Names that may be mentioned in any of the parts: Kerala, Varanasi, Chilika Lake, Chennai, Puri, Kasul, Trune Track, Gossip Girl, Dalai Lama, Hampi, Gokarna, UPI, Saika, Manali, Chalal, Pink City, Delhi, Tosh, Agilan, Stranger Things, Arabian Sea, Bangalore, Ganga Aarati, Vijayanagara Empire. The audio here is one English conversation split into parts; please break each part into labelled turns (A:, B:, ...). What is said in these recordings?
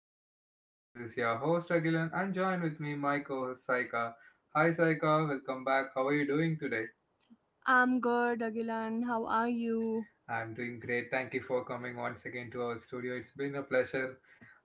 A: of my podcast. This is your host Agilan and join with me my co-host Saika. Hi Saika, welcome back. How are you doing today?
B: I'm good, Agilan. How are you?
A: I'm doing great. Thank you for coming once again to our studio. It's been a pleasure.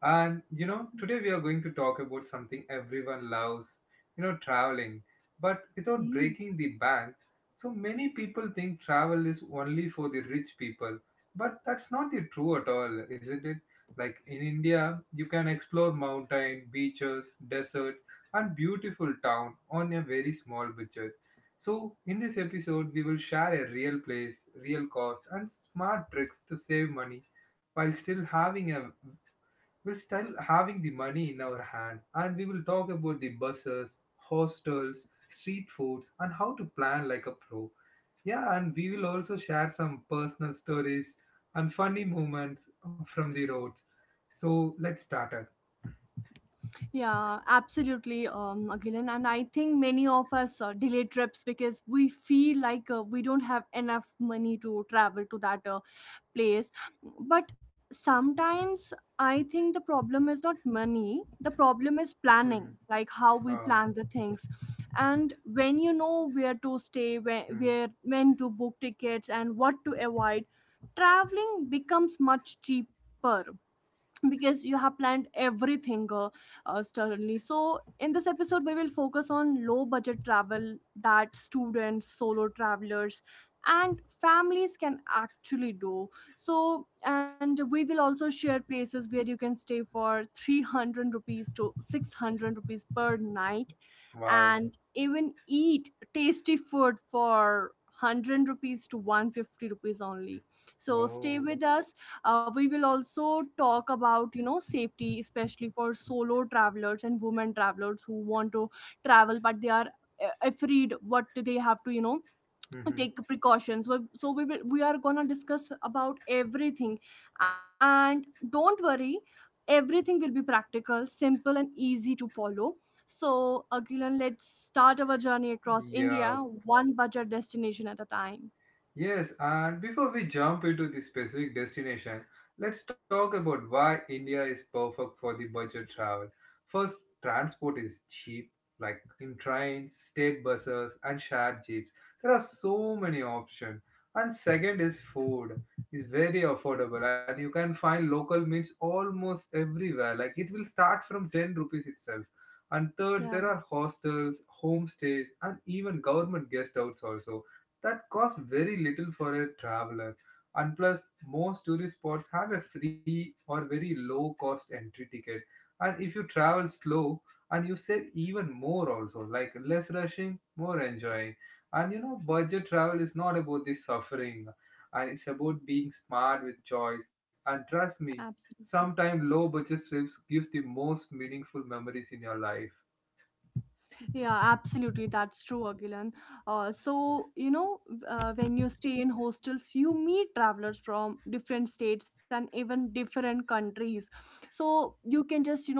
A: Today we are going to talk about something everyone loves, traveling, but without
B: Hmm.
A: breaking the bank. So many people think travel is only for the rich people, but that's not the true at all, isn't it? Like in India, you can explore mountain, beaches, deserts, and beautiful town on a very small budget. So, in this episode, we will share a real place, real cost, and smart tricks to save money while still having a while still having the money in our hand. And we will talk about the buses, hostels, street foods, and how to plan like a pro. Yeah, and we will also share some personal stories and funny moments from the roads. So let's start it.
B: Yeah, absolutely, Agilan. And I think many of us delay trips because we feel like we don't have enough money to travel to that place. But sometimes I think the problem is not money, the problem is
A: Hmm.
B: planning, like how we
A: Oh.
B: plan the things. And when you know where to stay,
A: Hmm.
B: where when to book tickets, and what to avoid, traveling becomes much cheaper because you have planned everything sternly. So, in this episode, we will focus on low budget travel that students, solo travelers, and families can actually do. So, and we will also share places where you can stay for 300 rupees to 600 rupees per night
A: Wow.
B: and even eat tasty food for 100 rupees to 150 rupees only, so
A: Oh.
B: stay with us. We will also talk about, you know, safety, especially for solo travelers and women travelers who want to travel but they are afraid what they have to, you know,
A: Mm-hmm.
B: take precautions. Well, so we are gonna discuss about everything, and don't worry, everything will be practical, simple and easy to follow. So, Agilan, let's start our journey across India,
A: Yeah.
B: one budget destination at a time.
A: Yes, and before we jump into the specific destination, let's talk about why India is perfect for the budget travel. First, transport is cheap, like in trains, state buses, and shared jeeps. There are so many options. And second is food. Is very affordable and you can find local meals almost everywhere. Like it will start from 10 rupees itself. And third,
B: Yeah,
A: there are hostels, homestays, and even government guest houses also that costs very little for a traveler. And plus, most tourist spots have a free or very low cost entry ticket. And if you travel slow, and you save even more also, like less rushing, more enjoying. And you know, budget travel is not about the suffering, and it's about being smart with choice. And trust me,
B: absolutely.
A: sometimes low budget trips gives the most meaningful memories in your life.
B: Yeah, absolutely, that's true, Agilan. So you know, when you stay in hostels you meet travelers from different states and even different countries. So you can just, you know,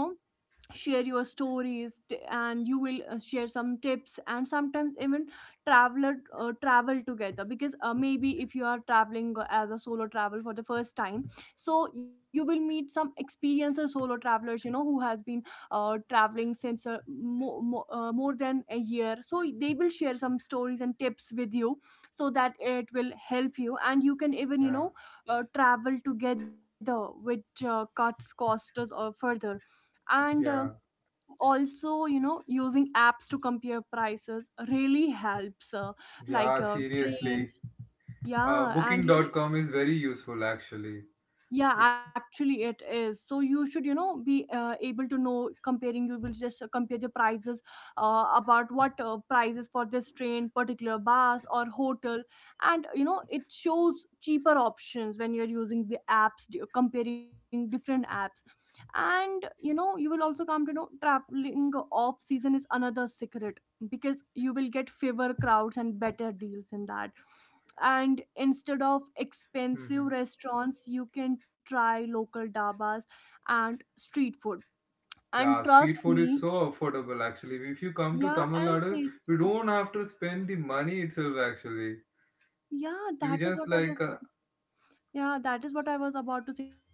B: share your stories and you will share some tips, and sometimes even travel together. Because maybe if you are traveling as a solo travel for the first time, so you will meet some experienced solo travelers, you know, who has been traveling since more than a year. So they will share some stories and tips with you, so that it will help you, and you can even, you
A: Yeah,
B: know, travel together, which cuts costs further. And
A: yeah,
B: also, you know, using apps to compare prices really helps,
A: yeah,
B: like
A: seriously.
B: trains. Yeah,
A: Booking
B: and you
A: dot
B: know,
A: com is very useful actually.
B: yeah,
A: It's
B: actually it is. So you should, you know, be able to know, comparing. You will just compare the prices about what prices for this train, particular bus or hotel. And you know, it shows cheaper options when you're using the apps, comparing different apps. And you know, you will also come to know traveling off season is another secret, because you will get favor crowds and better deals in that. And instead of expensive
A: hmm.
B: restaurants, you can try local dabas and street food.
A: Yeah,
B: And
A: street
B: trust
A: food is
B: me,
A: so affordable actually. If you come to
B: yeah,
A: Tamil
B: and
A: Nadu, you
B: tasty.
A: don't have to spend the money itself actually. You
B: yeah
A: just
B: that is
A: like
B: what i was Yeah, that is what I was about to say. That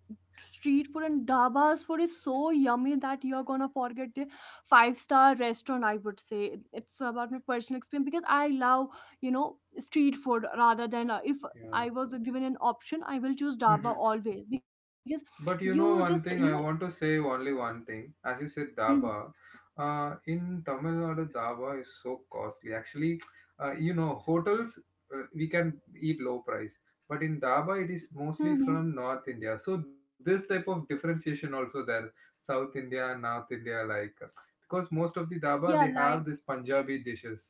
B: street food and dabas food is so yummy that you're gonna forget the five-star restaurant, I would say. It- it's about my personal experience, because I love, you know, street food rather than if
A: yeah.
B: I was given an option, I will choose daba
A: Mhm.
B: always because
A: But you know
B: you
A: one
B: just,
A: thing,
B: you
A: I
B: know.
A: want to say only one thing. As you said,
B: Mm,
A: dhaba. In Tamil Nadu, dhaba is so costly. Actually, you know, hotels we can eat low price, but in dhaba it is mostly
B: hmm.
A: from North India. So this type of differentiation also there, South India North India, like because most of the dhaba they
B: Yeah,
A: have
B: like,
A: this Punjabi dishes,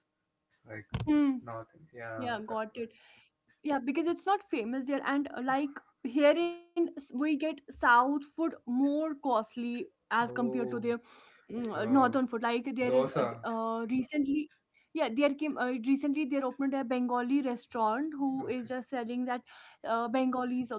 A: like
B: mm,
A: North India. Yeah,
B: yeah,
A: that's
B: got it. Yeah, because it's not famous there, and like here in we get south food more costly
A: right.
B: as compared to
A: Oh,
B: the, mm,
A: yeah.
B: northern food. Like there is
A: Dosa.
B: recently, yeah, there came recently, there opened a Bengali restaurant who is
A: Okay,
B: just selling that, Bengalis,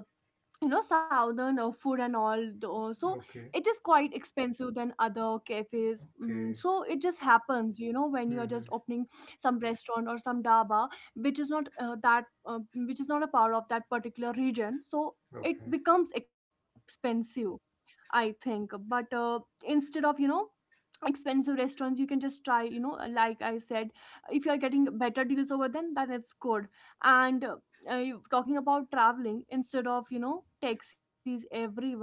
B: you know, southern food and all though. So
A: okay,
B: it is quite expensive than other cafes, mm.
A: okay.
B: So it just happens, you know, when you're just
A: Hmm.
B: opening some restaurant or some dhaba which is not that which is not a part of that particular region. So it
A: Okay.
B: becomes expensive, I think. But instead of, you know, expensive restaurants, you can just try, you know, like I said, if you are getting better deals over, then that is good. And talking about traveling, instead of, you know, taxis everywhere,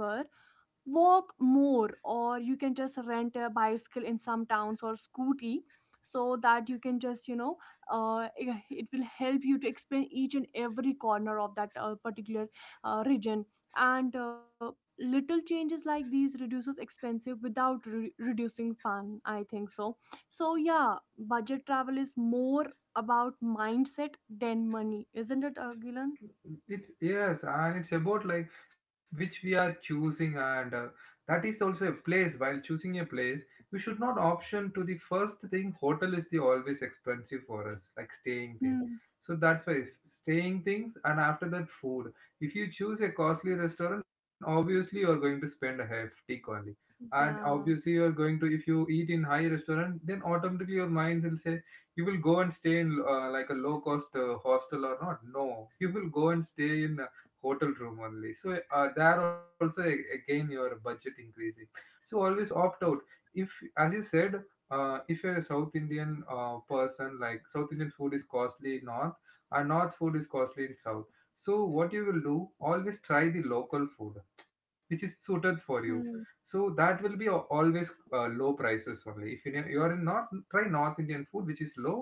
B: walk more, or you can just rent a bicycle in some towns, or scooty, so that you can just, you know, it will help you to explain each and every corner of that particular region. And little changes like these reduces expensive without reducing fun, I think so. So yeah, budget travel is more about mindset than money, isn't it, Gilan?
A: It's yes, and it's about like which we are choosing, and that is also a place. While choosing a place, you should not option to the first thing. Hotel is the always expensive for us, like staying thing.
B: Hmm.
A: So that's why if staying things, and after that food. If you choose a costly restaurant, obviously you are going to spend a hefty only, and
B: Yeah.
A: obviously you are going to if you eat in high restaurant, then automatically your mind will say you will go and stay in like a low cost hostel or not no you will go and stay in a hotel room only so there also again your budget increasing. So always opt out, if as you said, if you're a south indian person, like south indian food is costly in north and north food is costly in south. So what you will do, always try the local food which is suited for you,
B: Hmm.
A: so that will be always low prices only. If you are in north try north indian food which is low,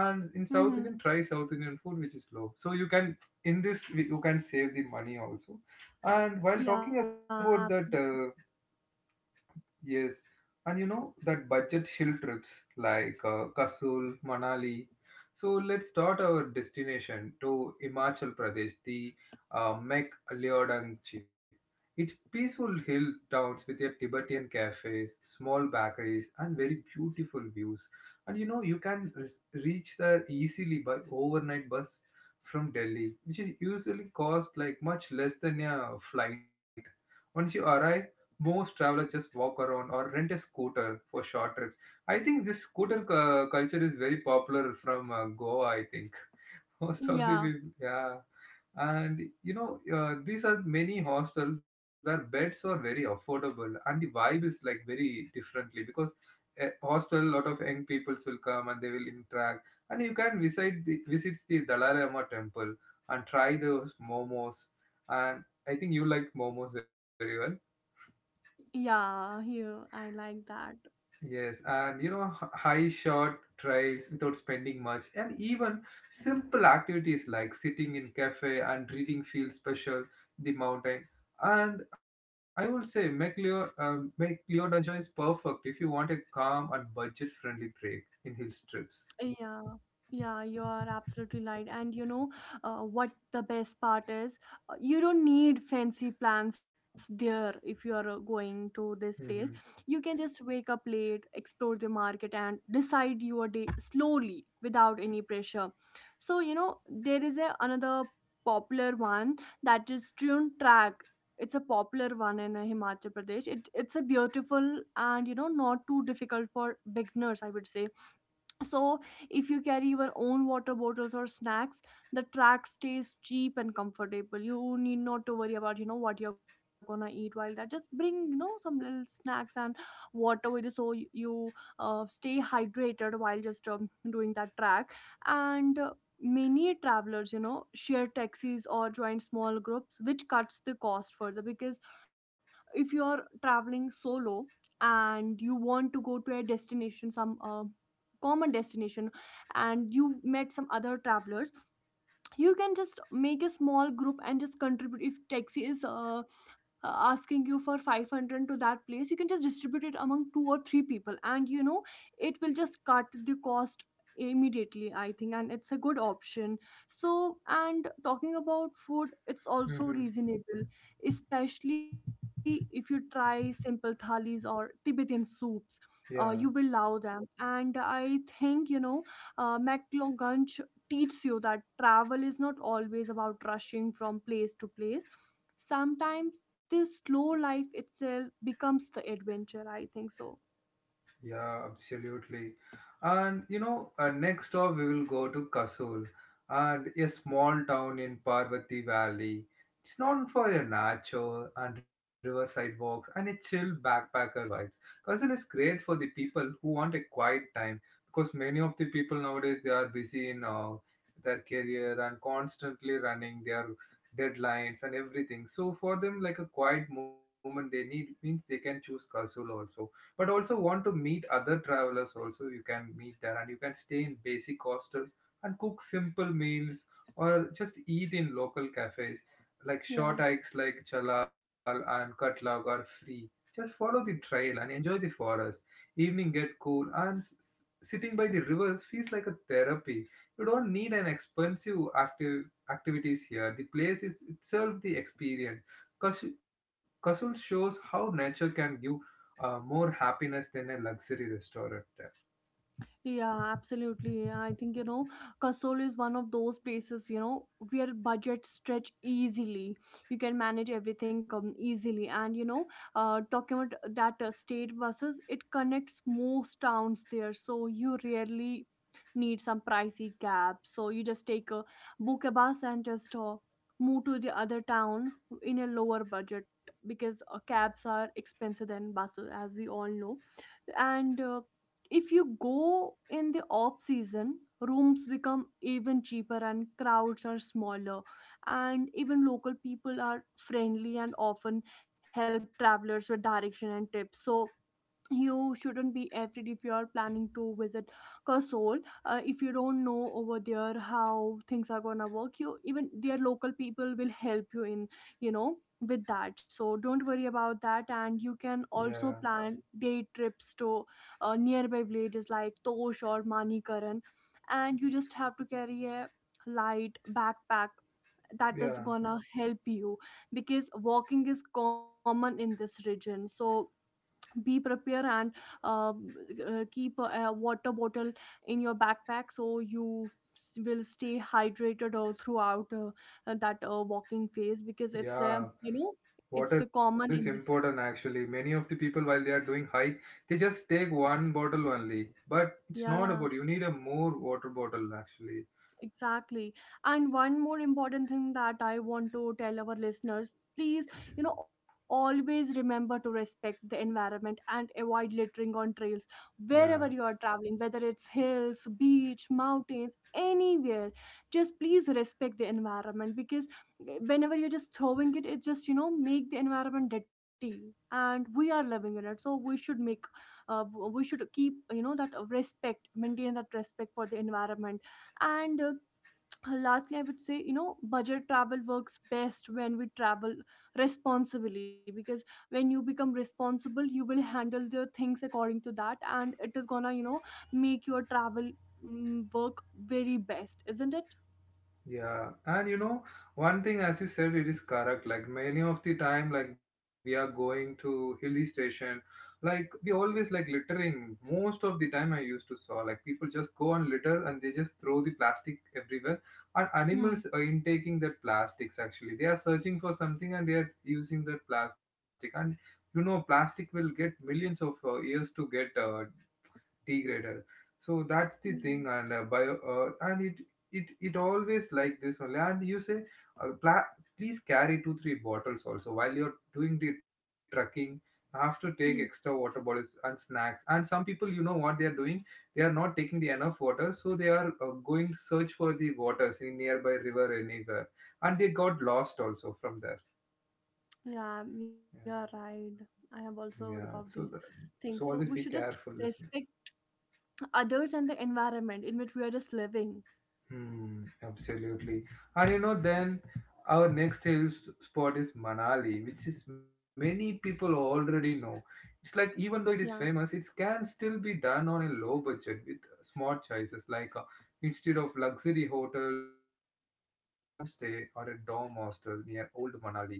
A: and in south
B: Mm-hmm.
A: indian try south indian food which is low, so you can in this you can save the money also. And while talking
B: Yeah.
A: about that, yes, and you know that budget hill trips like Kasul, Manali. So let's start our destination to Himachal Pradesh, the Mek Leodangchi. It's peaceful hill towns with their Tibetan cafes, small bakeries, and very beautiful views. And you know you can reach there easily by overnight bus from Delhi, which is usually cost like much less than a flight. Once you arrive, most travelers just walk around or rent a scooter for short trips. I think this scooter culture is very popular from Goa, I think. Most of the
B: Yeah.
A: people, yeah. And you know, these are many hostels where beds are very affordable and the vibe is like very differently because a hostel, a lot of young peoples will come and they will interact. And you can visit visits the Dalai Lama temple and try those momos. And I think you like momos very well.
B: Y- yeah, here I like that.
A: Yes, and you know, high short trails without spending much, and even simple activities like sitting in cafe and reading feel special the mountain. And I would say McLeod, McLeod Dungeon is perfect if you want a calm and budget friendly break in hill trips.
B: Yeah, yeah, you are absolutely right. And you know, what the best part is? You don't need fancy plans there if you are going to this place.
A: Mm-hmm.
B: You can just wake up late, explore the market, and decide your day slowly without any pressure. So, you know, there is a, another popular one, that is Trune Track. It's a popular one in Himachal Pradesh. It's a beautiful and, you know, not too difficult for beginners, I would say. So, if you carry your own water bottles or snacks, the track stays cheap and comfortable. You need not to worry about, you know, what you're gonna eat while that. Just bring, you know, some little snacks and water with you, so you stay hydrated while just doing that track. And many travelers, you know, share taxis or join small groups, which cuts the cost further. Because if you're traveling solo, and you want to go to a destination, some common destination, and you met some other travelers, you can just make a small group and just contribute. If taxi is asking you for 500 to that place, you can just distribute it among two or three people, and you know, it will just cut the cost immediately, I think. And it's a good option. So, and talking about food, it's also
A: Mm-hmm.
B: reasonable, especially if you try simple thalis or Tibetan soups. Uh, you will
A: Yeah.
B: love them, and I think, you know, McLongunch teaches you that travel is not always about rushing from place to place. Sometimes this slow life itself becomes the adventure, I think so.
A: Yeah, absolutely. And you know, next up we will go to Kasul, and a small town in Parvati Valley. It's known for their nature and riverside walks and a chill backpacker vibes. Kasul is great for the people who want a quiet time because many of the people nowadays they are busy in their career and constantly running their deadlines and everything. So for them, like a quiet moment they need means they can choose Kasul also, but also want to meet other travelers also, you can meet there and you can stay in basic hostel and cook simple meals or just eat in local cafes. Like short
B: Yeah.
A: hikes like chalal and katlag are free, just follow the trail and enjoy the forest. Evening get cool and sitting by the rivers feels like a therapy. You don't need an expensive active activities here, the place is itself the experience. Kas- Kasul shows how nature can give more happiness than a luxury restaurant there.
B: Yeah, absolutely. I think, you know, Kasol is one of those places, you know, where budgets stretch easily. You can manage everything easily. And, you know, talking about that state buses, it connects most towns there. So you rarely need some pricey cab. So you just take a book a bus and just move to the other town in a lower budget, because cabs are expensive than buses, as we all know. And, if you go in the off season, rooms become even cheaper and crowds are smaller. And even local people are friendly and often help travelers with direction and tips. So, you shouldn't be afraid if you are planning to visit Kasol. If you don't know over there how things are gonna work, you, even their local people will help you in, you know, with that. So don't worry about that, and you can
A: Yeah,
B: also plan day trips to nearby villages like Tosh or Manikaran, and you just have to carry a light backpack, that is
A: yeah,
B: gonna help you because walking is common in this region. So be prepared and, um, keep a water bottle in your backpack, so you will stay hydrated throughout that walking phase, because it's a,
A: yeah.
B: you know, it's a
A: Water is
B: common in
A: important
B: this.
A: actually. Many of the people while they are doing hike, they just take one bottle only. But it's not
B: Yeah.
A: about you need a more water bottle actually.
B: Exactly. And one more important thing that I want to tell our listeners, please, you know, always remember to respect the environment and avoid littering on trails wherever you
A: Yeah.
B: are traveling, whether it's hills, beach, mountains, anywhere. Just please respect the environment. Because eh, whenever you're just throwing it, it just, you know, make the environment dirty. And we are living in it. So we should make, uh, we should keep, you know, that respect, maintain that respect for the environment. And lastly, I would say, you know, budget travel works best when we travel responsibly. Because when you become responsible, you will handle the things according to that, and it is gonna, you know, make your travel, mm, work very best, isn't it?
A: Yeah, and you know, one thing as you said, it is correct. Like many of the time, like we are going to hilly station, like we always like littering. Most of the time, I used to saw like people just go and litter and they just throw the plastic everywhere. And
B: Hmm.
A: animals are intaking that plastics actually. They are searching for something and they are using that plastic. And you know, plastic will get millions of years to get degraded. So that's the thing,
B: Yeah.
A: and bio and it always like this only. And you say uh, pla- please carry two three bottles also while you're doing the trekking. You have to take extra
B: Hmm.
A: water bottles and snacks, and some people you know what they are doing, they are not taking the enough water, so they are going to search for the waters in nearby river anywhere and they got lost also from there.
B: Yeah, you're
A: Yeah.
B: right, I have also heard
A: Yeah,
B: about
A: so
B: these
A: so
B: things. So we
A: always
B: should
A: be
B: just
A: careful listeners.
B: respect others and the environment in which we are just living.
A: Hmm, absolutely. And you know, then our next hill spot is Manali, which is many people already know. It's like even though
B: Yeah.
A: it is famous, it can still be done on a low budget with smart choices like instead of luxury hotels or choose a homestay or a dorm hostel near old Manali,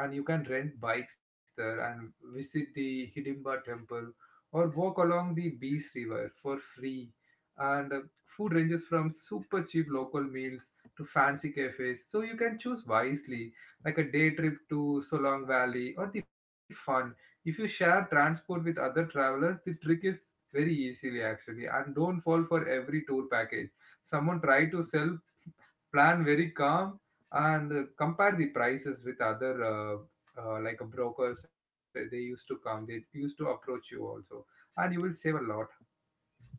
A: and you can rent bikes there and visit the Hidimba temple or walk along the Bees River for free. And food ranges from super cheap local meals to fancy cafes, so you can choose wisely, like a day trip to Solong Valley or the fun. If you share transport with other travelers, the trick is very easily actually, and don't fall for every tour package. Someone try to sell plan very calm, and compare the prices with other like a brokers they used to come they used to approach you also, and you will save a lot.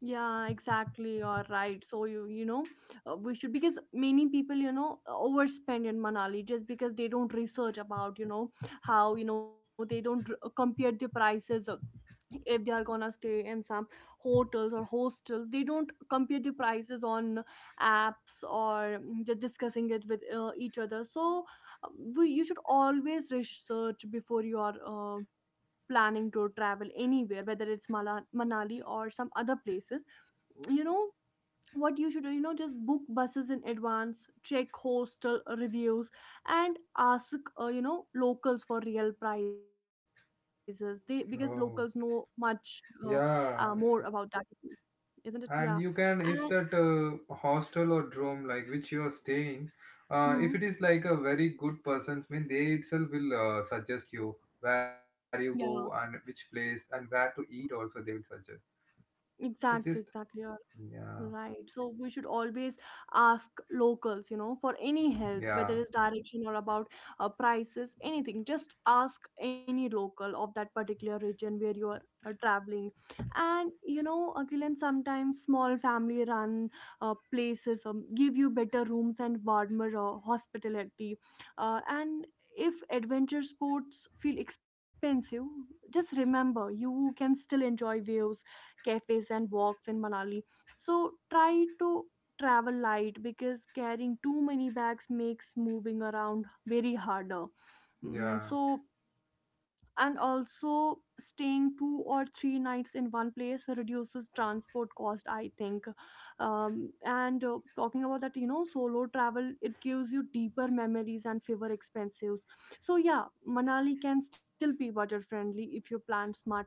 B: Yeah, exactly. You're right. So you know, we should, because many people, you know, overspend in Manali just because they don't research about, you know, how, you know, they don't compare the prices of- if they are gonna stay in some hotels or hostels. They don't compare the prices on apps, or mm, just discussing it with each other. So uh, we you should always research before you are planning to travel anywhere, whether it's Manali or some other places. you know what you should do, just book buses in advance, check hostel reviews and ask locals for real prices, they because locals know
A: Oh,
B: much uh, more about
A: yeah.
B: that, isn't it? Yeah.
A: And you can
B: And,
A: if that hostel or dorm like which you are staying, if it
B: mm,
A: is like a very good person mean they itself will suggest you where you go
B: yeah.
A: and which place and where to eat also they will suggest. So this,
B: Exactly, exactly.
A: yeah,
B: You're right. So we should always ask locals, you know, for any help, whether
A: yeah,
B: it's direction or about prices, anything. Just ask any local of that particular region where you are traveling. And you know, Akilan, sometimes small family run places give you better rooms and warmer hospitality. And if adventure sports feel expensive, just remember you can still enjoy views, cafes and walks in Manali. So try to travel light because carrying too many bags makes moving around very harder.
A: yeah.
B: So and also, staying 2 or 3 nights in one place reduces transport cost, I think. And talking about that, you know, solo travel, it gives you deeper memories and fewer expenses. So yeah, Manali can still be budget friendly if you plan smartly.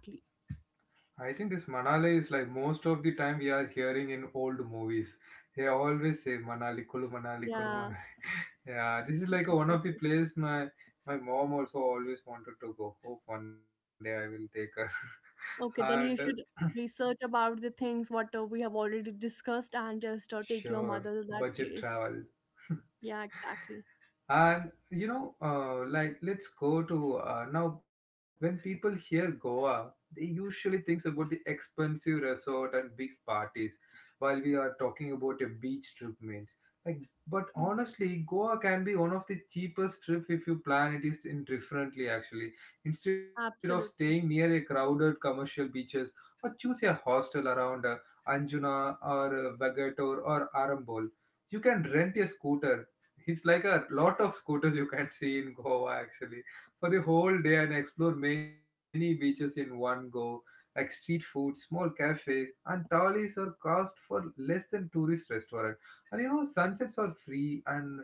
A: I think this Manali is like most of the time we are hearing in old movies. They always say Manali, Kulu Manali, Kulu
B: Yeah,
A: Manali. Yeah, this is like one of the
B: exactly.
A: place my mom also always wanted to go. Hope one day I will take her. And
B: Okay, then you should research about the things what we have already discussed, and just take your
A: sure,
B: mother to that
A: budget
B: place.
A: travel.
B: Yeah, exactly.
A: And like let's go to now. When people hear Goa, they usually thinks about the expensive resort and big parties, while we are talking about a beach trip means. Like, but
B: Mhm.
A: honestly, Goa can be one of the cheapest trip if you plan it is indifferently. Actually, instead of staying
B: Absolutely.
A: near a crowded commercial beaches, or choose a hostel around Anjuna or Vagator or Arambol, you can rent a scooter. It's like a lot of scooters you can see in Goa actually for the whole day and explore many beaches in one go, like street food, small cafes, and tallies are cost for less than tourist restaurant. And sunsets are free, and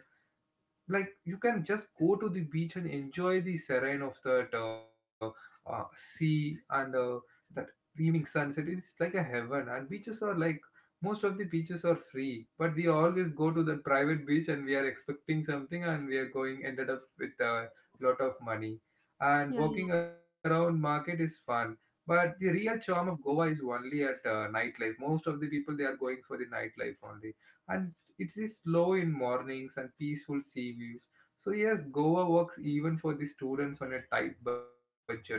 A: like you can just go to the beach and enjoy the serene of that sea and that evening sunset, it's like a heaven. And beaches are like most of the beaches are free, but we always go to the private beach and we are expecting something and we are going ended up with a lot of money, and
B: Yeah.
A: walking around market is fun, but the real charm of Goa is only at nightlife. Most of the people they are going for the nightlife only, and it is slow in mornings and peaceful sea views. So yes, Goa works even for the students on a tight budget actually.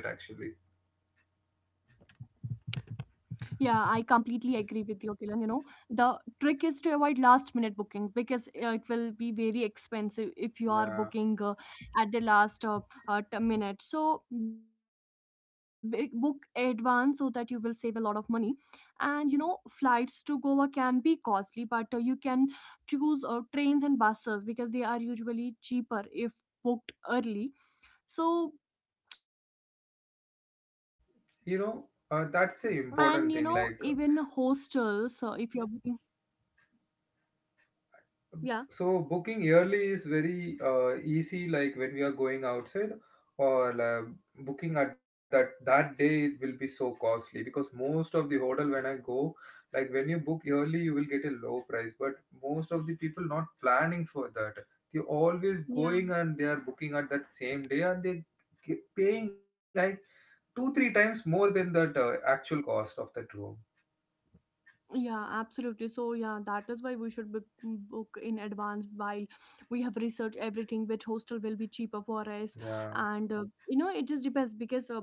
B: Yeah, I completely agree with you, Kilan. You know, the trick is to avoid last minute booking because it will be very expensive if you are booking
A: Yeah,
B: at the last minute. So, book advance so that you will save a lot of money. And you know, flights to Goa can be costly, but you can choose trains and buses because they are usually cheaper if booked early. So, and you know, even
A: you
B: hostels,
A: know
B: so if you're
A: that's
B: booking.
A: the important thing. Like,
B: Yeah.
A: so booking yearly is very easy. Like when we are going outside, or booking at that day, it will be so costly because most of the hotel when I go, like when you book yearly, you will get a low price. But most of the people not planning for that. They always
B: Yeah.
A: going and they are booking at that same day, and they paying like 2 or 3 times more than that actual cost of that room.
B: Yeah, absolutely. So yeah, that is why we should book, book in advance while we have researched everything, which hostel will be cheaper for us.
A: Yeah.
B: And you know, it just depends because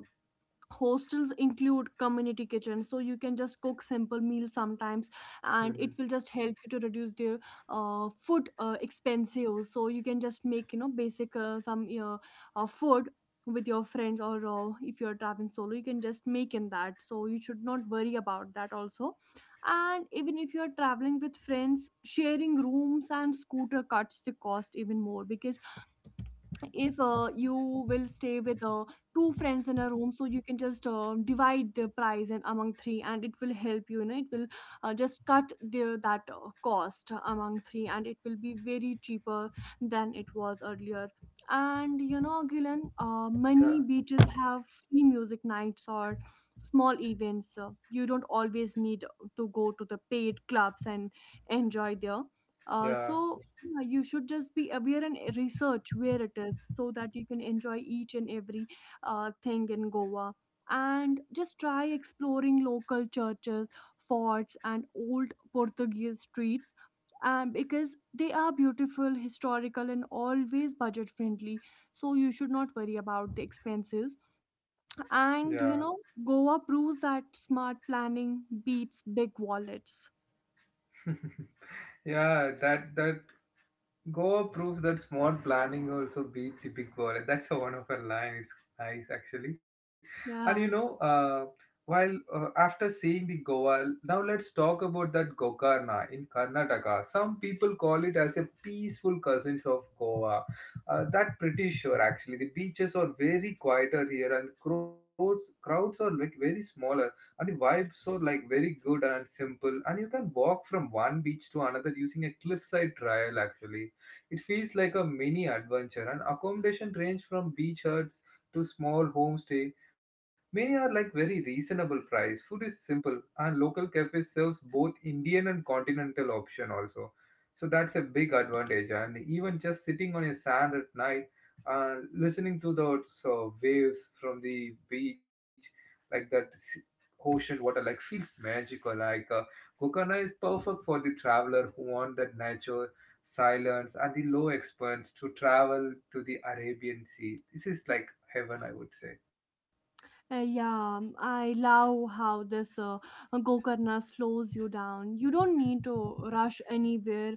B: hostels include community kitchens, so you can just cook simple meals sometimes, and
A: Mhm.
B: it will just help you to reduce the food expensive. So you can just make, you know, basic some food with your friends, or if you're traveling solo you can just make in that, so you should not worry about that also. And even if you're traveling with friends, sharing rooms and scooter cuts the cost even more, because if you will stay with two friends in a room, so you can just divide the price and among three, and it will help you, you know, it will just cut the that cost among three and it will be very cheaper than it was earlier. And you know, Gilan,
A: Yeah.
B: many beaches have free music nights or small events. You don't always need to go to the paid clubs and enjoy there.
A: Yeah.
B: So yeah, you should just be aware and research where it is so that you can enjoy each and every thing in Goa. And just try exploring local churches, forts, and old Portuguese streets. And because they are beautiful, historical, and always budget friendly, so you should not worry about the expenses.
A: Yeah.
B: And you know, Goa proves that smart planning beats big wallets.
A: Yeah, that Goa proves that smart planning also beats the big wallet. That's a one of her line. It's nice actually. And you know,
B: Yeah.
A: uh, while after seeing the Goa, now let's talk about that Gokarna in Karnataka. Some people call it as a peaceful cousins of Goa. That pretty sure actually. The beaches are very quieter here, and crowds are like very smaller, and the vibes are like very good and simple. And you can walk from one beach to another using a cliffside trail actually, it feels like a mini adventure, and accommodation range from beach huts to small homestay. Many are like very reasonable price. Food is simple, and local cafes serves both Indian and continental option also. So that's a big advantage. And even just sitting on a sand at night and listening to those waves from the beach, like that ocean water, like feels magical. Like, Kokana is perfect for the traveler who want that nature silence, and the low expense to travel to the Arabian Sea. This is like heaven, I would say.
B: Yeah, I love how this Gokarna slows you down. You don't need to rush anywhere.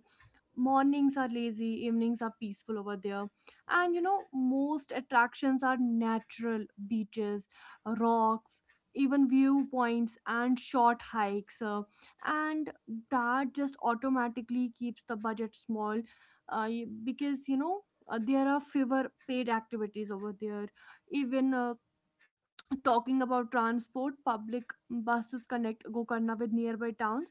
B: Mornings are lazy, evenings are peaceful over there. And you know, most attractions are natural beaches, rocks, even viewpoints, and short hikes. And that just automatically keeps the budget small, because you know, there are fewer paid activities over there. Even talking about transport, public buses connect Gokarna with nearby towns,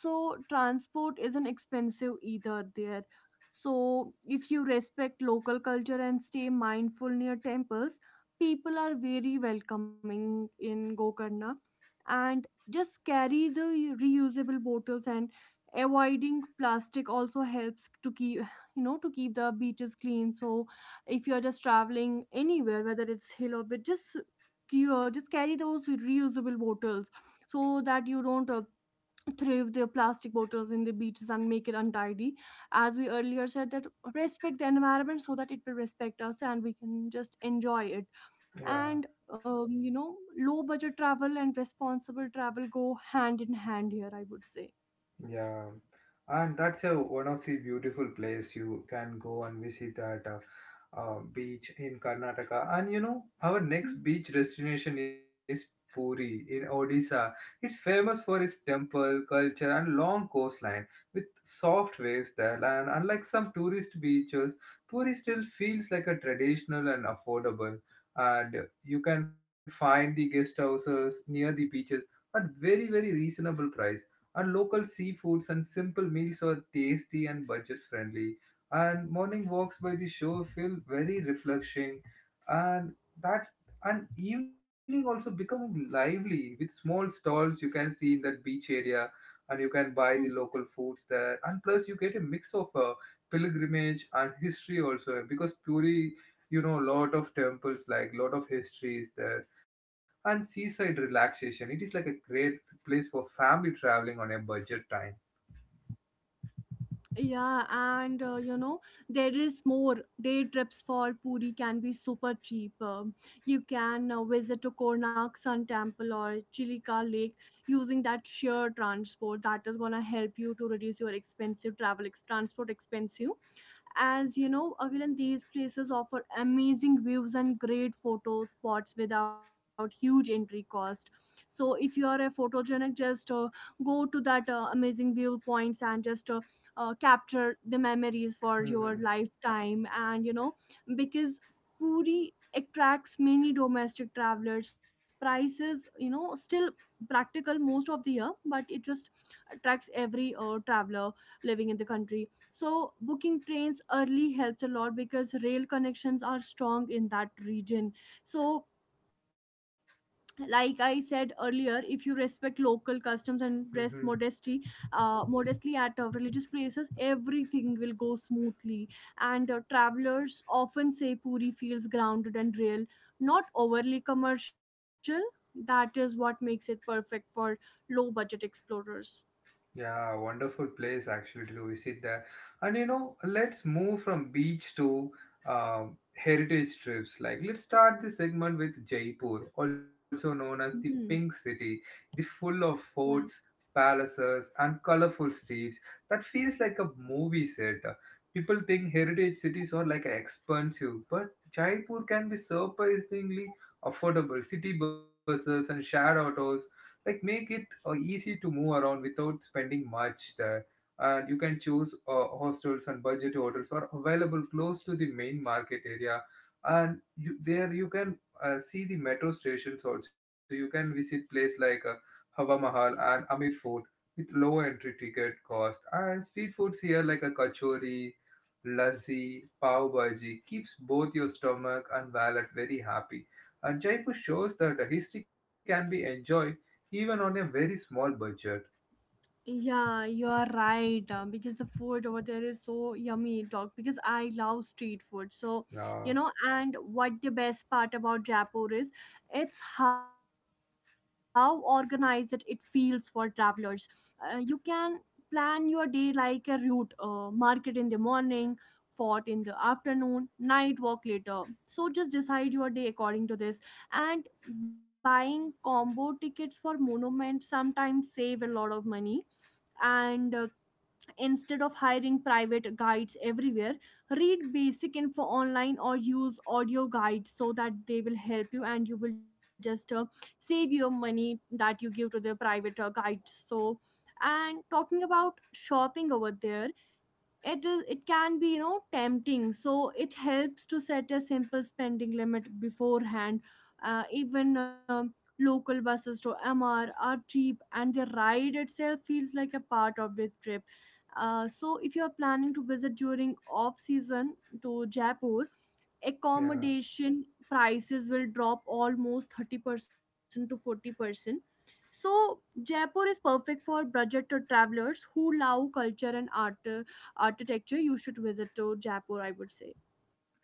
B: so transport isn't expensive either there. So if you respect local culture and stay mindful near temples, people are very welcoming in Gokarna. And just carry the reusable bottles, and avoiding plastic also helps to keep, you know, to keep the beaches clean. So if you're just traveling anywhere, whether it's hill or bit, just carry those reusable bottles so that you don't thrive the plastic bottles in the beaches and make it untidy. As we earlier said, that respect the environment so that it will respect us and we can just enjoy it.
A: Yeah.
B: And you know, low budget travel and responsible travel go hand in hand here, I would say.
A: Yeah, and that's one of the beautiful place you can go and visit that beach in Karnataka. And our next beach destination is Puri in Odisha. It's famous for its temple, culture, and long coastline with soft waves there. And unlike some tourist beaches, Puri still feels like a traditional and affordable. And you can find the guest houses near the beaches at very very reasonable price. Our local seafoods and simple meals are tasty and budget friendly. And morning walks by the shore feel very refreshing, and that and evening also becoming lively with small stalls you can see in that beach area, and you can buy the
B: Mhm.
A: local foods there. And plus, you get a mix of pilgrimage and history also because Puri, lot of temples like lot of histories there, and seaside relaxation. It is like a great place for family traveling on a budget time.
B: Yeah, and you know, there is more. Day trips for Puri can be super cheap. You can visit to Konark Sun Temple or Chilika Lake using that sheer transport. That is gonna help you to reduce your expensive transport expensive. As you know, again, these places offer amazing views and great photo spots without huge entry cost. So, if you are a photogenic, just go to that amazing view points and just capture the memories for your
A: Hmm,
B: lifetime. And you know, because Puri attracts many domestic travelers, prices, you know, still practical most of the year, but it just attracts every traveler living in the country. So booking trains early helps a lot because rail connections are strong in that region. So like I said earlier, if you respect local customs and dress modesty
A: hmm.
B: modestly at religious places, everything will go smoothly. And travelers often say Puri feels grounded and real, not overly commercial. That is what makes it perfect for low budget explorers.
A: Yeah, wonderful place actually to visit there. And let's move from beach to heritage trips. Like, let's start this segment with Jaipur, also known as the
B: Mhm.
A: Pink City, the full of forts, palaces, and colorful streets that feels like a movie set. People think heritage cities are like expensive, but Jaipur can be surprisingly affordable. City buses and shared autos like make it easy to move around without spending much there, and you can choose hostels and budget hotels are available close to the main market area, and there you can see the metro stations also, you can visit places like Hawa Mahal and Amir Fort with lower entry ticket cost, and street foods here like a kachori lassi pav bhaji keeps both your stomach and wallet very happy, and Jaipur shows that a history can be enjoyed even on a very small budget.
B: Yeah, you are right. Because the food over there is so yummy. Talk because I love street food. So, you
A: Uh,
B: know, and what the best part about Jaipur is, it's how organized it feels for travelers. You can plan your day like a route, market in the morning, fort in the afternoon, night walk later. So just decide your day according to this. And buying combo tickets for monuments sometimes save a lot of money. And instead of hiring private guides everywhere, read basic info online or use audio guides so that they will help you, and you will just save your money that you give to the private guides. So and talking about shopping over there, it can be, you know, tempting, so it helps to set a simple spending limit beforehand. Even local buses to Mr are cheap and the ride itself feels like a part of the trip. So if you are planning to visit during off season to Jaipur,
A: yeah.
B: accommodation prices will drop almost 30% to 40%. So, Jaipur is perfect for budget travelers who love culture and art, architecture. You should visit to Jaipur, I would say.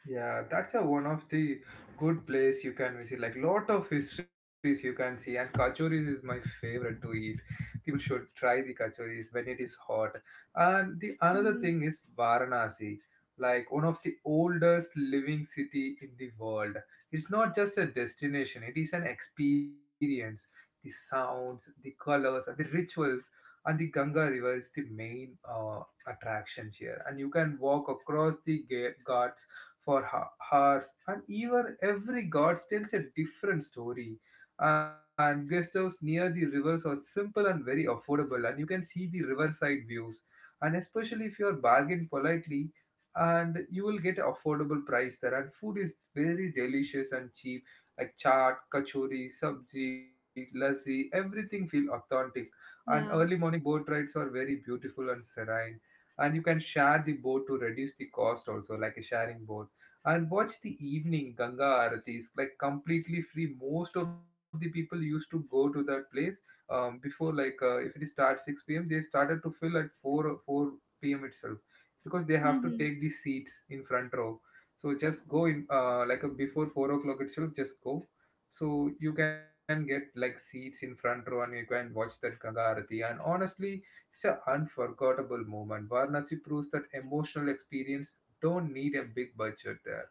A: Yeah, that's a one of the good place you can visit. Like lot of histories you can see, and kachoris is my favorite to eat. People should try the kachoris when it is hot. And the another
B: Mhm.
A: thing is Varanasi, like one of the oldest living city in the world. It's not just a destination; it is an experience. The sounds, the colors, and the rituals, and the Ganga River is the main attraction here. And you can walk across the ghats for hours, and even every god tells a different story. And guest house near the rivers are simple and very affordable, and you can see the riverside views. And especially if you are bargained politely, and you will get affordable price there. And food is very delicious and cheap, like chaat, kachori, sabji, lassi, everything feel authentic. And early
B: Yeah.
A: morning boat rides are very beautiful and serene, and you can share the boat to reduce the cost also like a sharing boat, and watch the evening Ganga Aaratis, like completely free. Most of the people used to go to that place before, like if it starts 6 p.m., they started to fill at 4 p.m. itself because they have to take the seats in front row. So just go in like before 4 o'clock itself, just go. So you can get like seats in front row and you can watch that Ganga Aarati. And honestly, it's an unforgettable moment. Varanasi proves that emotional experience don't need a big budget there.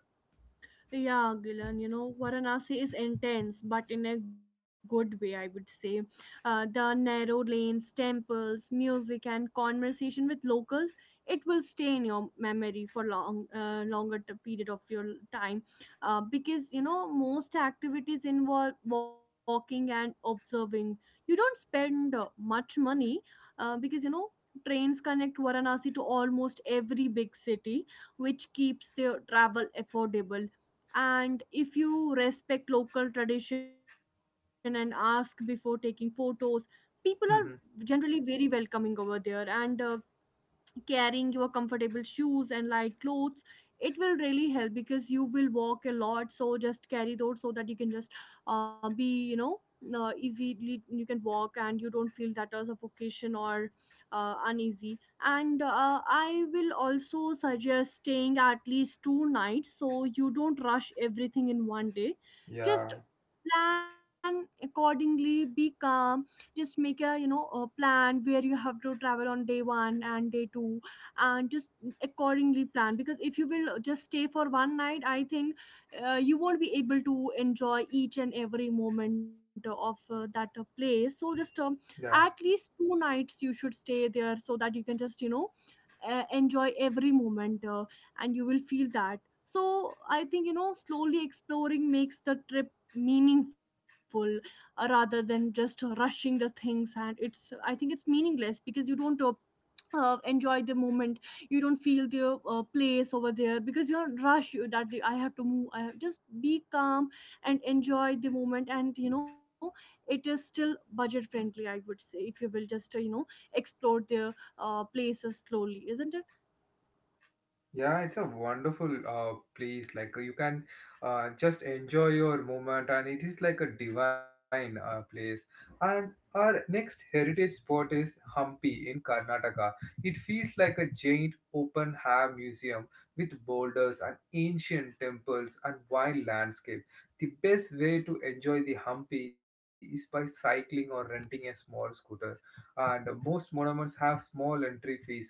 B: Yeah, Gilan, you know, Varanasi is intense, but in a good way, I would say. The narrow lanes, temples, music, and conversation with locals, it will stay in your memory for long, longer period of your time, because you know, most activities involve walking and observing. You don't spend much money, because you know, trains connect Varanasi to almost every big city, which keeps their travel affordable. And if you respect local tradition and ask before taking photos, people are
A: Mm-hmm.
B: generally very welcoming over there. And carrying your comfortable shoes and light clothes, it will really help because you will walk a lot, so just carry those so that you can just be, you know, easily you can walk and you don't feel that as suffocation or uneasy. And I will also suggest staying at least 2 nights so you don't rush everything in one day. Just
A: Yeah,
B: plan accordingly, be calm. Just make a plan where you have to travel on day one and day two, and just accordingly plan, because if you will just stay for 1 night, I think you won't be able to enjoy each and every moment of that place. So just
A: yeah.
B: at least 2 nights you should stay there so that you can just, you know, enjoy every moment and you will feel that. So I think, you know, slowly exploring makes the trip meaningful, rather than just rushing the things. And it's I think it's meaningless, because you don't enjoy the moment, you don't feel the place over there because you're rushed, you that I have to move, I have just be calm and enjoy the moment. And you know, it is still budget friendly, I would say, if you will just you know, explore the places slowly, isn't it?
A: Yeah, it's a wonderful place. Like, you can just enjoy your moment, and it is like a divine place. And our next heritage spot is Hampi in Karnataka. It feels like a giant open air museum with boulders and ancient temples and wild landscape. The best way to enjoy the Hampi is by cycling or renting a small scooter. And most monuments have small entry fees,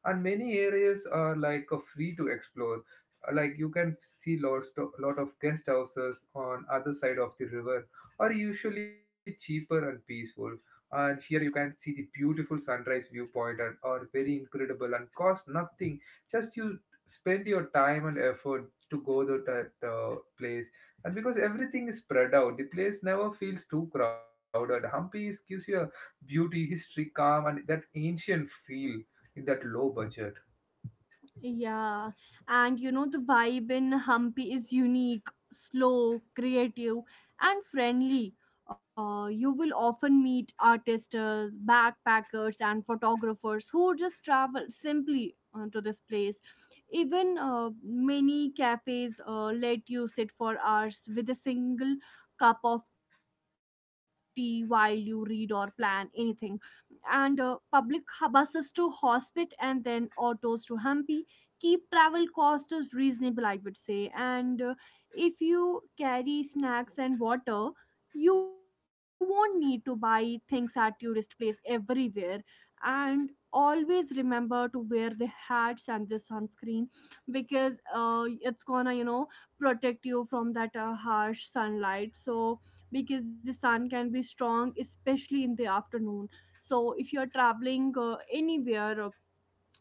A: and many areas are like free to explore. Like you can see lot of guest houses on other side of the river are usually cheaper and peaceful, and here you can see the beautiful sunrise viewpoint and are very incredible and cost nothing, just you spend your time and effort to go to that place, and because everything is spread out the place never feels too crowded, Hampi gives you a beauty history calm and that ancient feel in that low budget.
B: Yeah, and you know, the vibe in Hampi is unique, slow, creative, and friendly. You will often meet artists, backpackers, and photographers who just travel simply to this place. Even many cafes let you sit for hours with a single cup of tea while you read or plan anything. And public buses to Hospit and then autos to Hampi keep travel costs reasonable, I would say. And if you carry snacks and water, you won't need to buy things at tourist place everywhere. And always remember to wear the hats and the sunscreen because it's gonna protect you from that harsh sunlight, so because the sun can be strong, especially in the afternoon, so if you are traveling anywhere,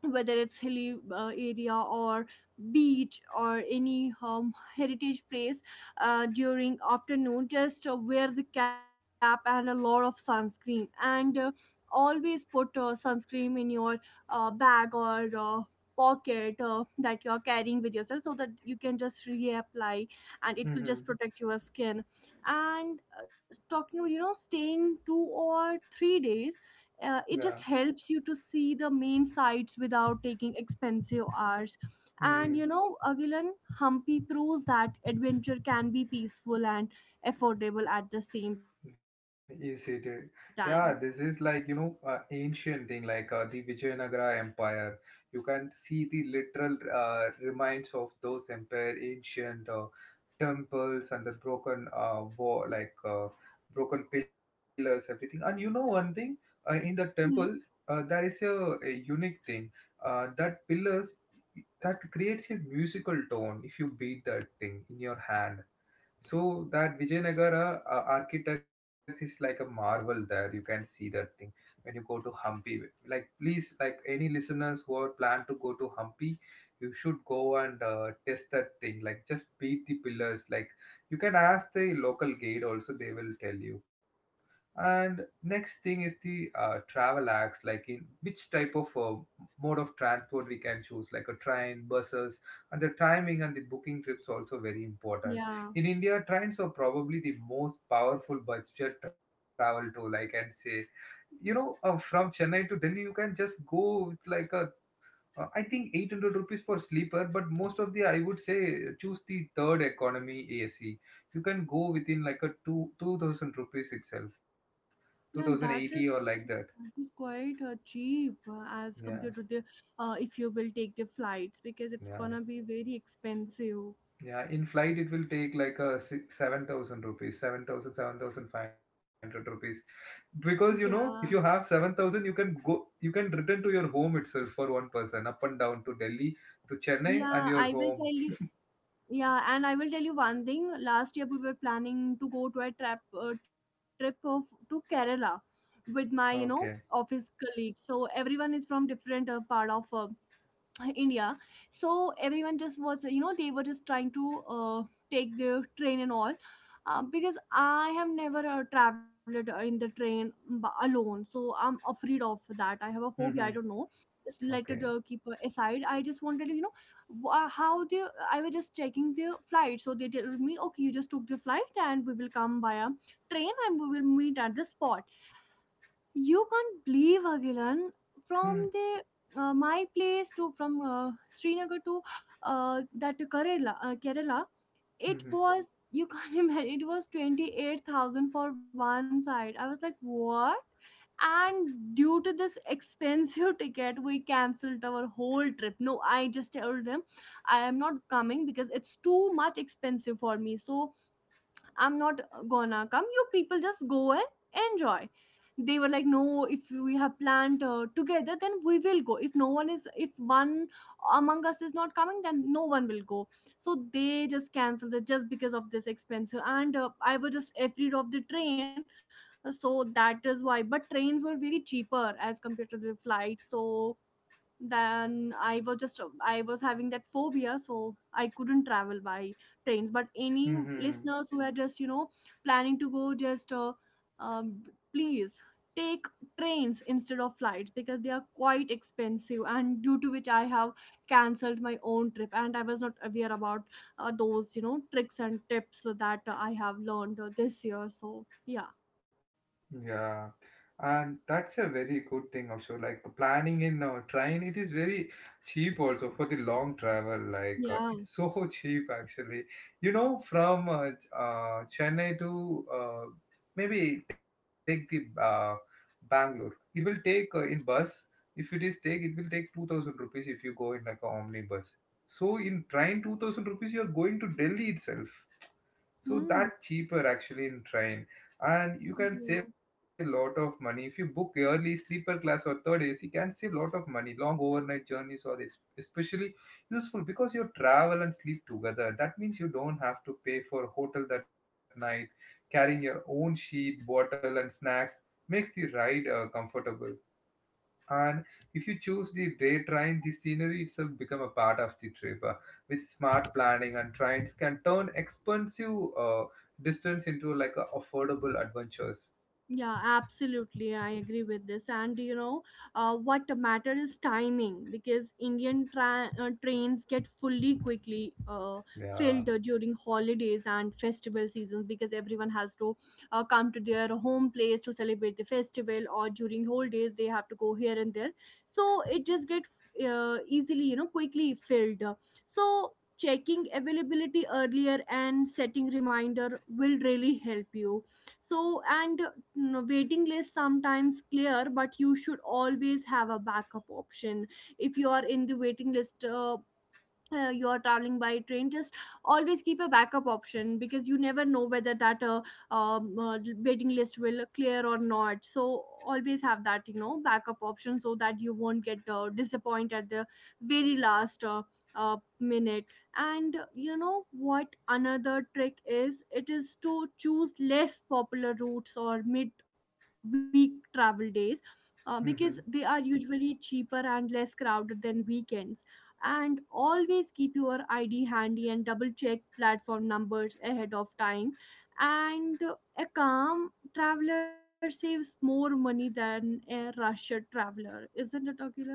B: whether it's hilly area or beach or any heritage place during afternoon, just wear the cap and a lot of sunscreen. And always put sunscreen in your bag or pocket that you are carrying with yourself, so that you can just reapply and it will
A: Mm-hmm.
B: just protect your skin. And talking about staying 2 or 3 days, it
A: Yeah.
B: just helps you to see the main sites without taking expensive hours. And
A: Mm-hmm.
B: you know, Agilan, humpy proves that adventure can be peaceful and affordable at the same time.
A: Yes, it? Yeah, this is like, ancient thing like the Vijayanagara Empire. You can see the literal remains of those empire, ancient temples and the broken wall, like broken pillars, everything. And you know one thing, in the temple,
B: Hmm.
A: there is a unique thing that pillars that creates a musical tone if you beat that thing in your hand, so that Vijayanagara architect is like a marvel there. You can see that thing when you go to Hampi. Like please, like any listeners who are plan to go to Hampi, you should go and test that thing. Like just beat the pillars. Like you can ask the local guide also; they will tell you. And next thing is the travel acts. Like in which type of mode of transport we can choose, like a train, buses, and the timing and the booking trips also very important.
B: Yeah,
A: In India, trains are probably the most powerful budget travel tool, I can say. From Chennai to Delhi, you can just go with like I think 800 rupees for sleeper, but most of the, I would say, choose the third economy AC. You can go within like a 2000 rupees itself,
B: yeah,
A: 2080 or
B: that
A: like
B: is
A: that.
B: that is quite cheap as
A: Yeah,
B: compared to the, if you will take the flights because it's
A: yeah,
B: gonna be very expensive.
A: yeah. In flight, it will take like a 7000 rupees, 7500 rupees, because you
B: Yeah,
A: know if you have 7000 you can go, you can return to your home itself for one person up and down to Delhi to Chennai
B: yeah, I
A: and
B: will
A: your
B: tell
A: home.
B: you. Yeah, and I will tell you one thing. Last year we were planning to go to a trip trip of to Kerala with my
A: Okay.
B: office colleagues. So everyone is from different part of India. So everyone just was, they were just trying to take the train and all. Because I have never traveled in the train alone, so I'm afraid of that. I have a phobia. I
A: Mm-hmm.
B: don't know. Just let it
A: Okay.
B: keep aside. I just wanted to, how they. I was just checking the flight, so they told me, okay, you just took the flight, and we will come via train, and we will meet at the spot. You can't believe, Agilan,
A: Mm-hmm.
B: from the, my place, to from Srinagar to that to Kerala, It
A: Mm-hmm.
B: was, you can't imagine. It was 28,000 for one side. I was like, what? And due to this expensive ticket, we cancelled our whole trip. No, I just told them I am not coming because it's too much expensive for me. So I'm not gonna come. You people just go and enjoy. They were like, no, if we have planned together, then we will go. If one among us is not coming, then no one will go. So they just canceled it just because of this expense. And I was just afraid of the train, so that is why. But trains were very cheaper as compared to the flight. So then I was having that phobia, so I couldn't travel by trains. But any
A: Mm-hmm.
B: listeners who are just planning to go, just um, please take trains instead of flights because they are quite expensive, and due to which I have cancelled my own trip, and I was not aware about those tricks and tips that I have learned this year. So yeah.
A: Yeah, and that's a very good thing also. Like planning in train, it is very cheap also for the long travel. Like
B: Yeah.
A: it's so cheap actually. You know, from Chennai to maybe take the Bangalore. It will take in bus. If it is take, it will take 2,000 rupees if you go in like a omnibus. So in train, 2,000 rupees you are going to Delhi itself, so
B: Hmm.
A: that cheaper actually in train. And you can
B: Yeah.
A: save lot of money if you book early sleeper class or third AC can save lot of money. Long overnight journeys are especially useful because you travel and sleep together, that means you don't have to pay for hotel that night. Carrying your own sheet, bottle and snacks makes the ride comfortable. And if you choose the day train, the scenery itself become a part of the trip. With smart planning and trains can turn expensive distance into like a affordable adventures.
B: Yeah, absolutely. I agree with this. And you know, what matters is timing, because Indian trains get fully quickly filled
A: Yeah.
B: during holidays and festival seasons, because everyone has to come to their home place to celebrate the festival, or during holidays they have to go here and there. So it just get easily, quickly filled. So checking availability earlier and setting reminder will really help you. so and Waiting list sometimes clear, but you should always have a backup option. If you are in the waiting list, you're traveling by train, just always keep a backup option, because you never know whether that um, uh, waiting list will clear or not. So always have that backup option so that you won't get disappointed at the very last minute. And you know what another trick is, it is to choose less popular routes or mid week travel days, because they are usually cheaper and less crowded than weekends. And always keep your ID handy and double check platform numbers ahead of time. And a calm traveler saves more money than a rushed traveler, isn't it, Akilan?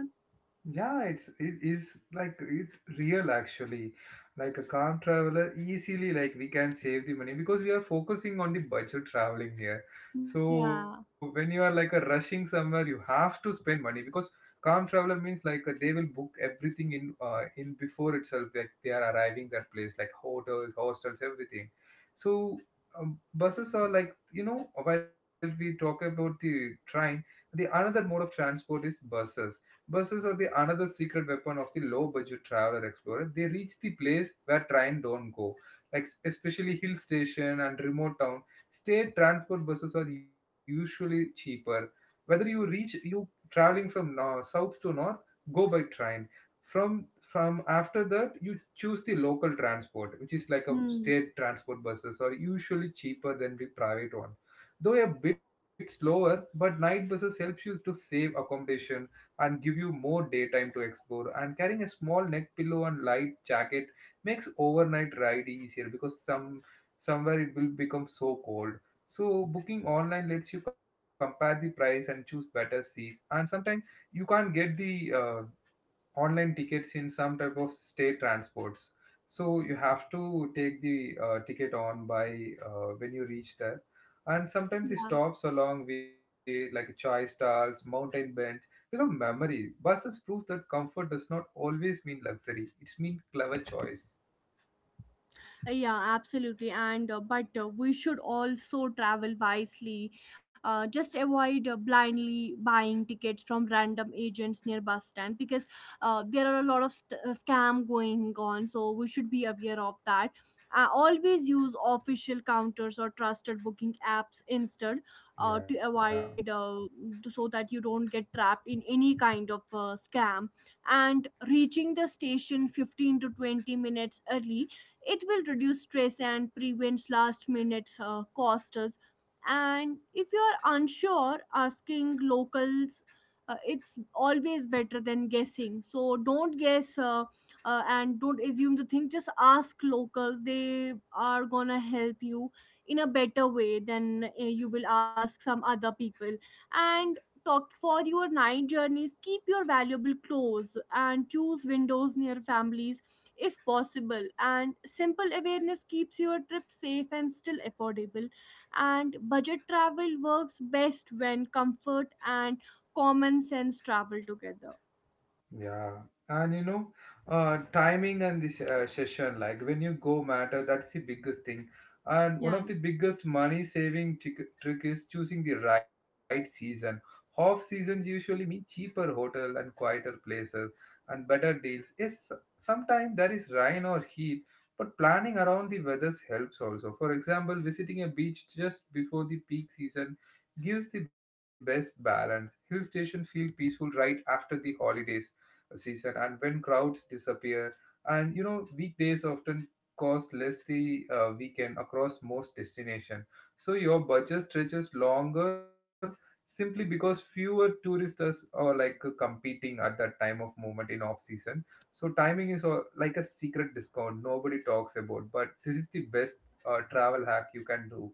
A: Yeah, it is like it's real actually. Like a calm traveler, easily like we can save the money because we are focusing on the budget traveling here. So
B: Yeah.
A: when you are like a rushing somewhere, you have to spend money because calm traveler means like they will book everything in before itself. Like they are arriving that place, like hotels, hostels, everything. So buses are like you know while we talk about the train, the another mode of transport is buses. Buses are the another secret weapon of the low-budget traveler explorer. They reach the place where train don't go, like especially hill station and remote town. State transport buses are usually cheaper. Whether you traveling from north, south to north, go by train. From after that, you choose the local transport, which is like a
B: Hmm.
A: state transport buses are usually cheaper than the private one, though a bit slower. But night buses helps you to save accommodation and give you more daytime to explore. And carrying a small neck pillow and light jacket makes overnight ride easier because somewhere it will become so cold. So booking online lets you compare the price and choose better seats. And sometimes you can't get the online tickets in some type of state transports. So you have to take the ticket on by when you reach there. And sometimes the
B: Yeah.
A: stops along way, like chai stalls, mountain bench, become memory. Buses proves that comfort does not always mean luxury. It's mean clever choice.
B: Yeah, absolutely. And but we should also travel wisely. Just avoid blindly buying tickets from random agents near bus stand, because there are a lot of scam going on. So we should be aware of that. Always use official counters or trusted booking apps instead,
A: Yeah.
B: to avoid, so that you don't get trapped in any kind of scam. And reaching the station 15 to 20 minutes early, it will reduce stress and prevents last minute costs. And if you are unsure, asking locals. It's always better than guessing, so don't guess, and don't assume the thing. Just ask locals, they are gonna help you in a better way than you will ask some other people. And talk for your night journeys, keep your valuable clothes and choose windows near families if possible. And simple awareness keeps your trip safe and still affordable. And budget travel works best when comfort and common sense travel together.
A: Yeah, and you know, timing and this session, like when you go matter, that's the biggest thing. And one
B: Yeah.
A: of the biggest money saving trick is choosing the right season. Off seasons usually mean cheaper hotel and quieter places and better deals. Yes, sometimes there is rain or heat, but planning around the weather helps also. For example, visiting a beach just before the peak season gives the best balance. Hill station feel peaceful right after the holidays season and when crowds disappear. And you know, weekdays often cost less the weekend across most destination, so your budget stretches longer simply because fewer tourists are like competing at that time of moment in off season. So timing is like a secret discount nobody talks about, but this is the best travel hack you can do.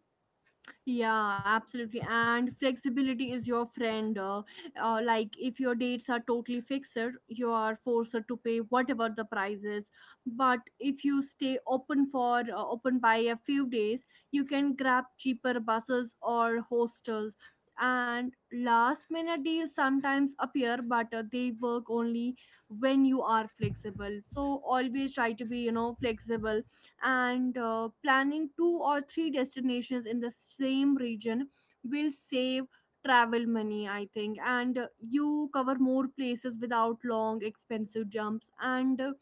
B: Yeah, absolutely. And flexibility is your friend. Like if your dates are totally fixed, you are forced to pay whatever the price is. But if you stay open for open by a few days, you can grab cheaper buses or hostels. And last minute deals sometimes appear, but they work only when you are flexible. So always try to be, flexible. And planning two or three destinations in the same region will save travel money, I think. And you cover more places without long expensive jumps. And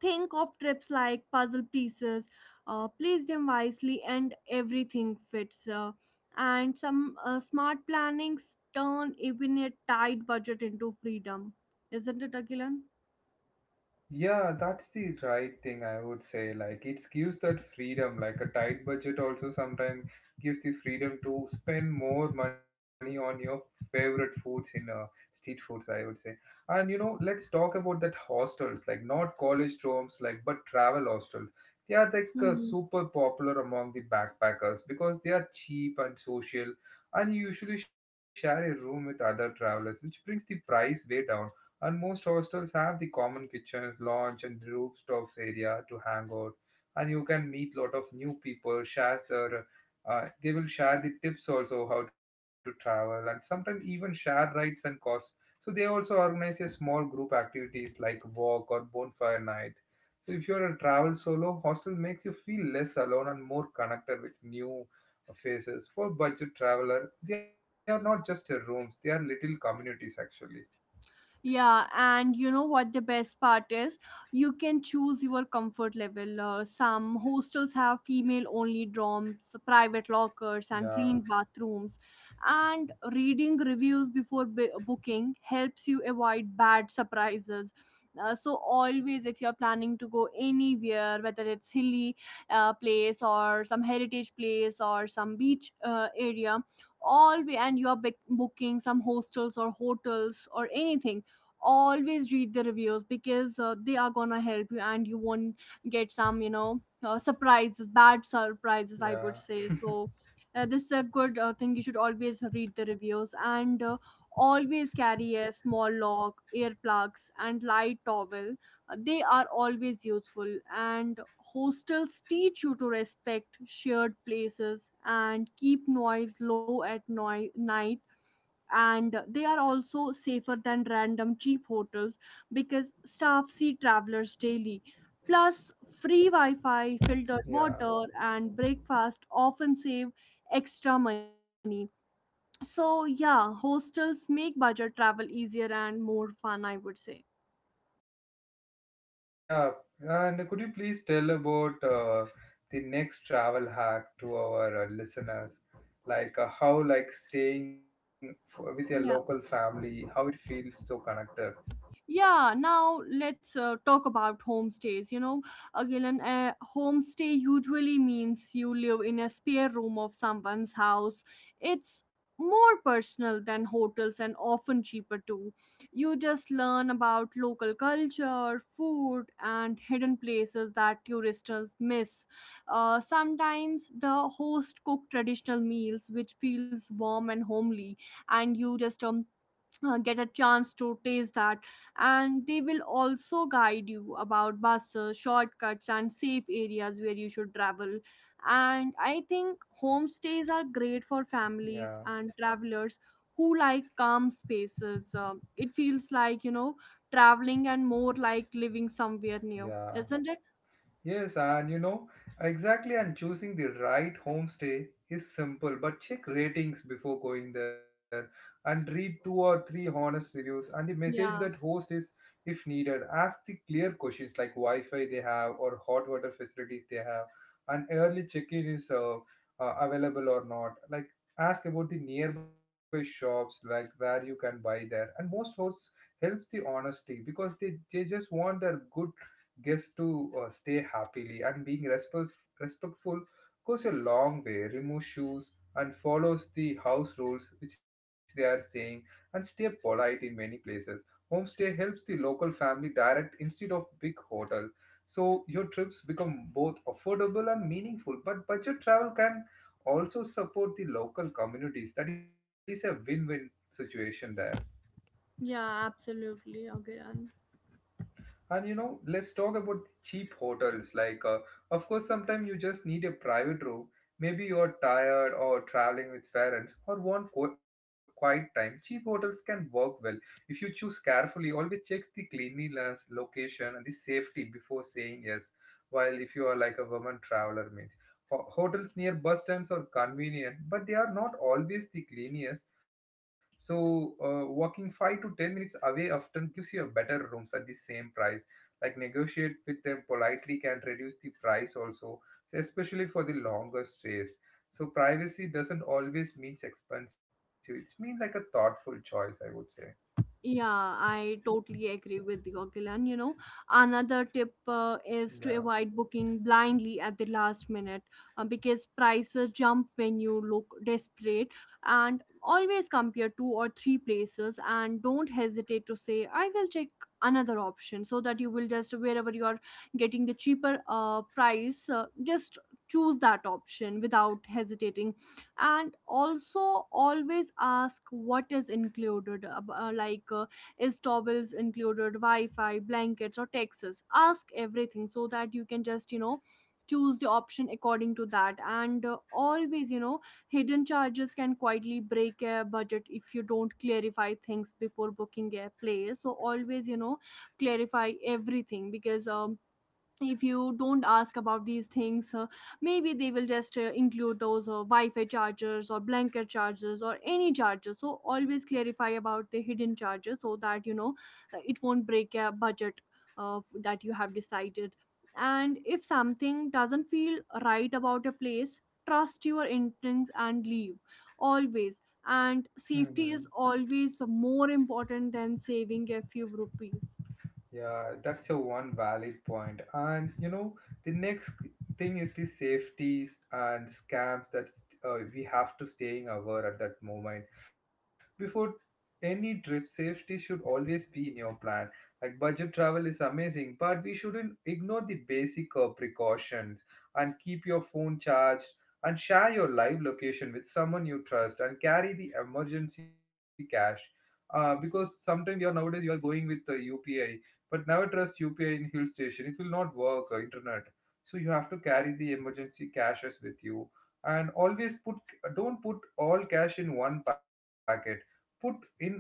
B: think of trips like puzzle pieces, place them wisely and everything fits. And some smart plannings turn even a tight budget into freedom, isn't it, Agilan?
A: Yeah, that's the right thing I would say. Like it gives that freedom, like a tight budget also sometimes gives the freedom to spend more money on your favorite foods in street foods, I would say. And you know, let's talk about that hostels, like not college dorms, like but travel hostels. They are like super popular among the backpackers because they are cheap and social, and you usually share a room with other travelers, which brings the price way down, and most hostels have the common kitchens, lounge, and rooftop area to hang out. And you can meet lot of new people, share their, they will share the tips also how to travel, and sometimes even share rides and costs. So they also organize a small group activities like walk or bonfire night. So if you're a travel solo, hostel makes you feel less alone and more connected with new faces. For budget traveler, they are not just a rooms; they are little communities actually.
B: Yeah, and you know what the best part is? You can choose your comfort level. Some hostels have female only dorms, private lockers, and
A: Yeah,
B: clean bathrooms. And reading reviews before booking helps you avoid bad surprises. So always, if you're planning to go anywhere, whether it's hilly place or some heritage place or some beach area, always, and you're booking some hostels or hotels or anything, always read the reviews because they are gonna help you, and you won't get some surprises, bad surprises, I would
A: yeah.
B: say. So, this is a good thing, you should always read the reviews. And always carry a small log, earplugs and light towel. They are always useful. And hostels teach you to respect shared places and keep noise low at night. And they are also safer than random cheap hotels because staff see travelers daily. Plus, free Wi Fi, filtered
A: Yeah,
B: water, and breakfast often save extra money. So, yeah, hostels make budget travel easier and more fun, I would say.
A: yeah. And could you please tell about the next travel hack to our listeners? Like how, like staying f with your local
B: Yeah.
A: family, how it feels so connected.
B: Yeah, now let's talk about homestays. You know, Agilan, a homestay usually means you live in a spare room of someone's house. It's more personal than hotels and often cheaper too. You just learn about local culture, food, and hidden places that tourists miss. Sometimes the host cook traditional meals which feels warm and homely, and you just get a chance to taste that. And they will also guide you about buses shortcuts and safe areas where you should travel. And I think homestays are great for families
A: Yeah,
B: and travelers who like calm spaces. It feels like traveling and more like living somewhere new,
A: yeah.
B: isn't it?
A: Yes, and you know, exactly, and choosing the right homestay is simple, but check ratings before going there and read two or three honest reviews and the message that
B: Yeah.
A: host is if needed. Ask the clear questions like Wi Fi they have or hot water facilities they have, and early check in is available or not. Like, ask about the nearby shops, like where you can buy there. And most hosts helps the honesty because they just want their good guests to stay happily, and being respectful goes a long way. Remove shoes and follows the house rules which they are saying and stay polite. In many places homestay helps the local family direct instead of big hotel, so your trips become both affordable and meaningful. But budget travel can also support the local communities. That is a win-win situation there.
B: Yeah, absolutely. Okay.
A: And you know, let's talk about the cheap hotels. Like, of course, sometimes you just need a private room. Maybe you're tired or traveling with parents or want quiet time. Cheap hotels can work well if you choose carefully. Always check the cleanliness, location, and the safety before saying yes. While if you are like a woman traveler, means hotels near bus stands are convenient, but they are not always the cleanest. So, walking 5 to 10 minutes away often gives you a better rooms at the same price. Like negotiate with them politely can reduce the price also, so especially for the longer stays. So privacy doesn't always means expensive, it's mean like a thoughtful choice, I would say.
B: Yeah, I totally agree with you, Gilan. You know, another tip is to
A: Yeah.
B: avoid booking blindly at the last minute, because prices jump when you look desperate. And always compare two or three places, and don't hesitate to say, I will check another option, so that you will just, wherever you are getting the cheaper price, just choose that option without hesitating. And also always ask what is included, is towels included, wi-fi, blankets or taxes? Ask everything so that you can just choose the option according to that. And always, you know, hidden charges can quietly break a budget if you don't clarify things before booking a place. So always, clarify everything, because if you don't ask about these things, maybe they will just include those wi-fi chargers or blanket chargers or any chargers. So always clarify about the hidden charges so that you know it won't break a budget that you have decided. And if something doesn't feel right about a place, trust your instincts and leave, always. And
A: Hmm.
B: safety is always more important than saving a few rupees.
A: Yeah, that's a one valid point. And you know, the next thing is the safeties and scams that we have to staying aware at that moment. Before any trip, safety should always be in your plan. Like budget travel is amazing, but we shouldn't ignore the basic precautions, and keep your phone charged and share your live location with someone you trust and carry the emergency cash. Because sometimes you are nowadays you are going with the UPI, but never trust UPI in hill station. It will not work, internet. So you have to carry the emergency cashes with you. And always put, don't put all cash in one packet. Put in,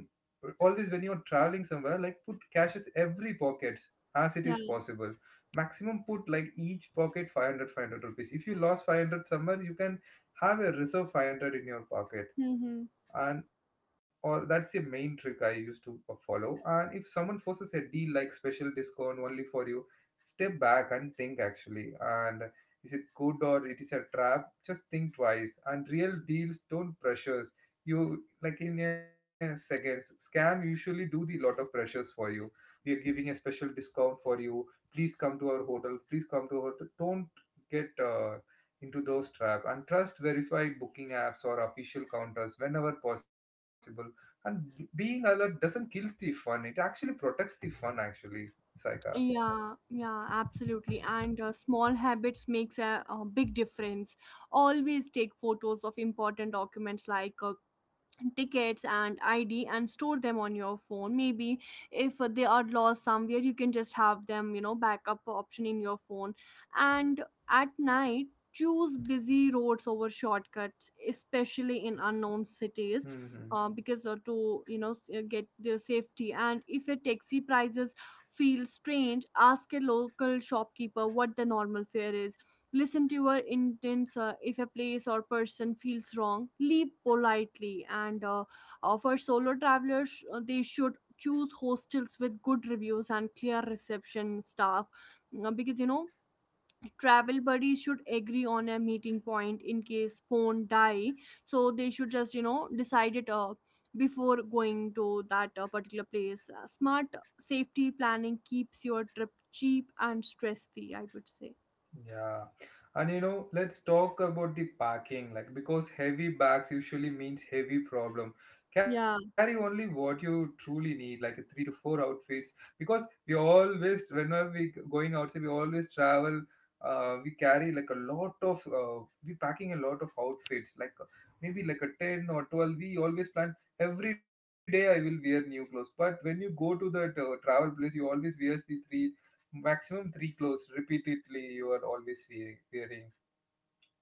A: always when you're traveling somewhere, like put cashes every pockets as it is
B: Yeah.
A: possible. Maximum put like each pocket 500 rupees. If you lost 500 somewhere, you can have a reserve 500 in your pocket.
B: Hmm.
A: And or that's the main trick I used to follow. And if someone forces a deal like special discount only for you, step back and think actually. And is it good or it is a trap? Just think twice. And real deals don't pressures you like in a seconds. Scam usually do the lot of pressures for you. We are giving a special discount for you, please come to our hotel, please come to our hotel. Don't get into those traps, and trust verified booking apps or official counters whenever possible. And being alert doesn't kill the fun, it actually protects the fun actually, saika.
B: Yeah, yeah, absolutely. And small habits makes a big difference. Always take photos of important documents like tickets and ID and store them on your phone. Maybe if they are lost somewhere, you can just have them, backup option in your phone. And at night, choose busy roads over shortcuts, especially in unknown cities,
A: Hmm.
B: because to get the safety. And if your taxi prices feel strange, ask a local shopkeeper what the normal fare is. Listen to your intents. If a place or person feels wrong, leave politely. And for solo travelers, they should choose hostels with good reviews and clear reception staff. Because travel buddies should agree on a meeting point in case phone die. So they should just, decide it, before going to that particular place. Smart safety planning keeps your trip cheap and stress free, I would say.
A: Yeah. And you know, let's talk about the packing, like because heavy bags usually means heavy problem. Carry
B: Yeah.
A: only what you truly need, like three to four outfits, because we always, whenever we going outside, we always travel. We carry like a lot of, we packing a lot of outfits, like maybe like a 10 or 12. We always plan every day I will wear new clothes. But when you go to that travel place, you always wear the three, maximum three clothes repeatedly. You are always wearing,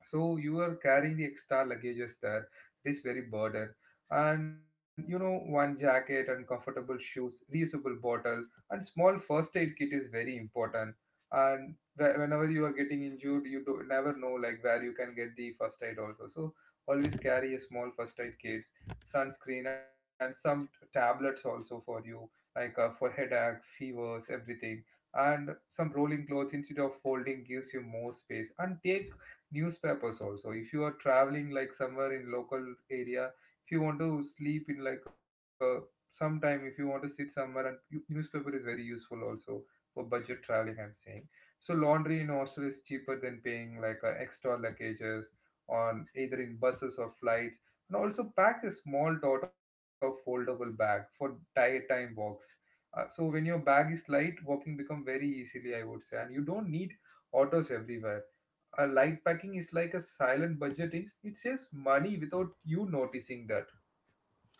A: so you are carrying the extra luggages there. It is very burden. And you know, one jacket and comfortable shoes, reusable bottle, and small first aid kit is very important. And whenever you are getting injured, you do never know like where you can get the first aid also, so always carry a small first aid kit. Sunscreen and some tablets also for you, like for headache, fevers, everything. And some rolling clothes instead of folding gives you more space. And take newspapers also if you are traveling like somewhere in local area. If you want to sleep in like a, sometime if you want to sit somewhere and you, newspaper is very useful also, for budget traveling I'm saying. So laundry in hostel is cheaper than paying like extra luggages on either in buses or flights. And also pack a small dot of foldable bag for time walks. So when your bag is light, walking become very easily, I would say, and you don't need autos everywhere. A light packing is like a silent budgeting. It saves money without you noticing that.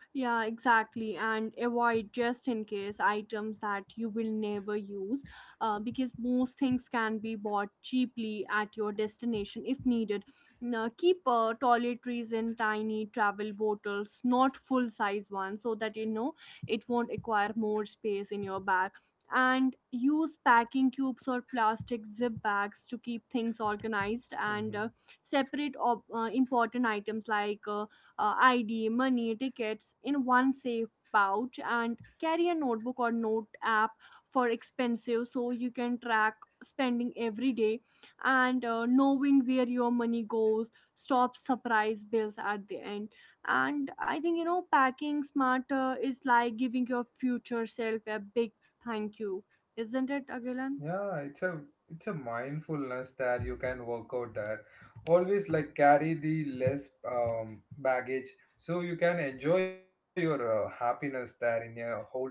B: Yeah, exactly. And avoid just in case items that you will never use, because most things can be bought cheaply at your destination if needed. Now, keep toiletries in tiny travel bottles, not full size ones, so that you know it won't acquire more space in your bag. And use packing cubes or plastic zip bags to keep things organized, and
A: Mhm.
B: uh, separate important items like ID, money, tickets in one safe pouch. And carry a notebook or note app for expensive so you can track spending every day. And knowing where your money goes stops surprise bills at the end. And I think, packing smarter is like giving your future self a big thank you, isn't it, Agilan?
A: Yeah, it's a mindfulness that you can work out there. Always like carry the less baggage, so you can enjoy your happiness there in your whole trip.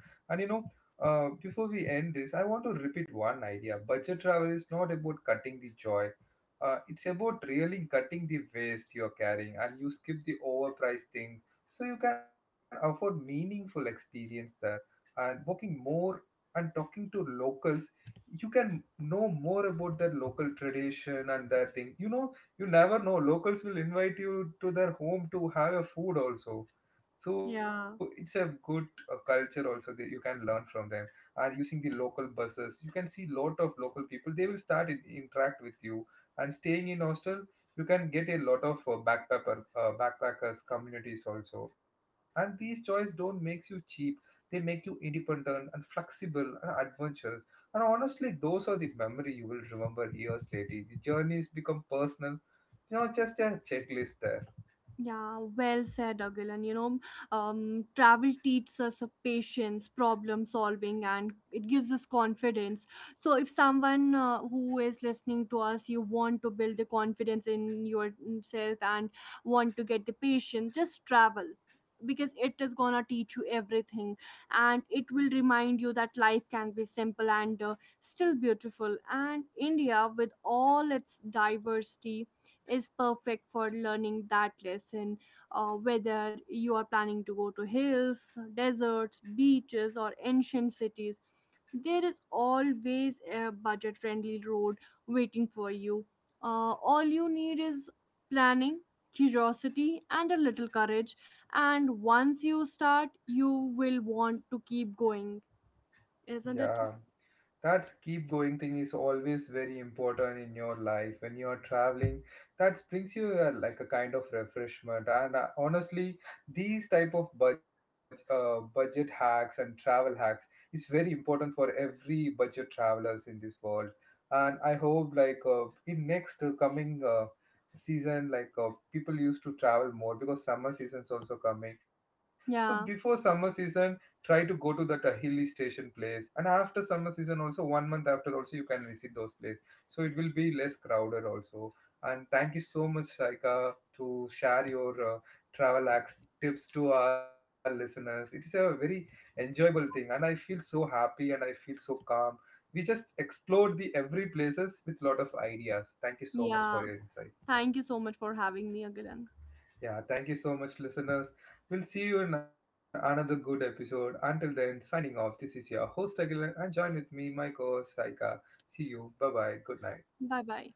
A: And you know, before we end this, I want to repeat one idea. Budget travel is not about cutting the joy. It's about really cutting the waste you're carrying, and you skip the overpriced things so you can afford meaningful experience there, and working more, and talking to locals. You can know more about their local tradition and their thing. You know, you never know, locals will invite you to their home to have a food also. So it's a
B: Yeah.
A: good culture also that you can learn from them. And using the local buses, you can see lot of local people, they will start in, interact with you. And staying in hostel, you can get a lot of backpacker backpackers communities also. And these choice don't makes you cheap, they make you independent and flexible and adventurous. And honestly, those are the memory you will remember years later. The journeys become personal, you know, just a checklist there.
B: Yeah, well said, Agilan. You know, travel teaches us a patience, problem solving, and it gives us confidence. So, if someone who is listening to us, you want to build the confidence in yourself and want to get the patience, just travel because it is gonna teach you everything. And it will remind you that life can be simple and still beautiful. And India with all its diversity is perfect for learning that lesson. Whether you are planning to go to hills, deserts, beaches or ancient cities, there is always a budget friendly road waiting for you. All you need is planning, curiosity and a little courage. And once you start, you will want to keep going, isn't it?
A: Yeah, that keep going thing is always very important in your life when you are traveling. That brings you like a kind of refreshment and honestly, these type of budget budget hacks and travel hacks is very important for every budget travelers in this world. And I hope like in next coming season, like people used to travel more because summer seasons also coming. So before
B: Yeah.
A: summer season, try to go to that hilly station place, and after summer season also, one month after also you can visit those places, so it will be less crowded also. And thank you so much, Shaika, to share your travel acts, tips to our listeners. It is a very enjoyable thing, and I feel so happy and I feel so calm. We just explored the every places with lot of ideas. Thank you so much
B: Yeah,
A: for your insight.
B: thank you so much for having me again.
A: Yeah, thank you so much, listeners. We'll see you in another good episode. Until then, signing off. This is your host, Aguilar, and join with me, my co host, Saika. See you. Bye bye. Good night.
B: Bye bye.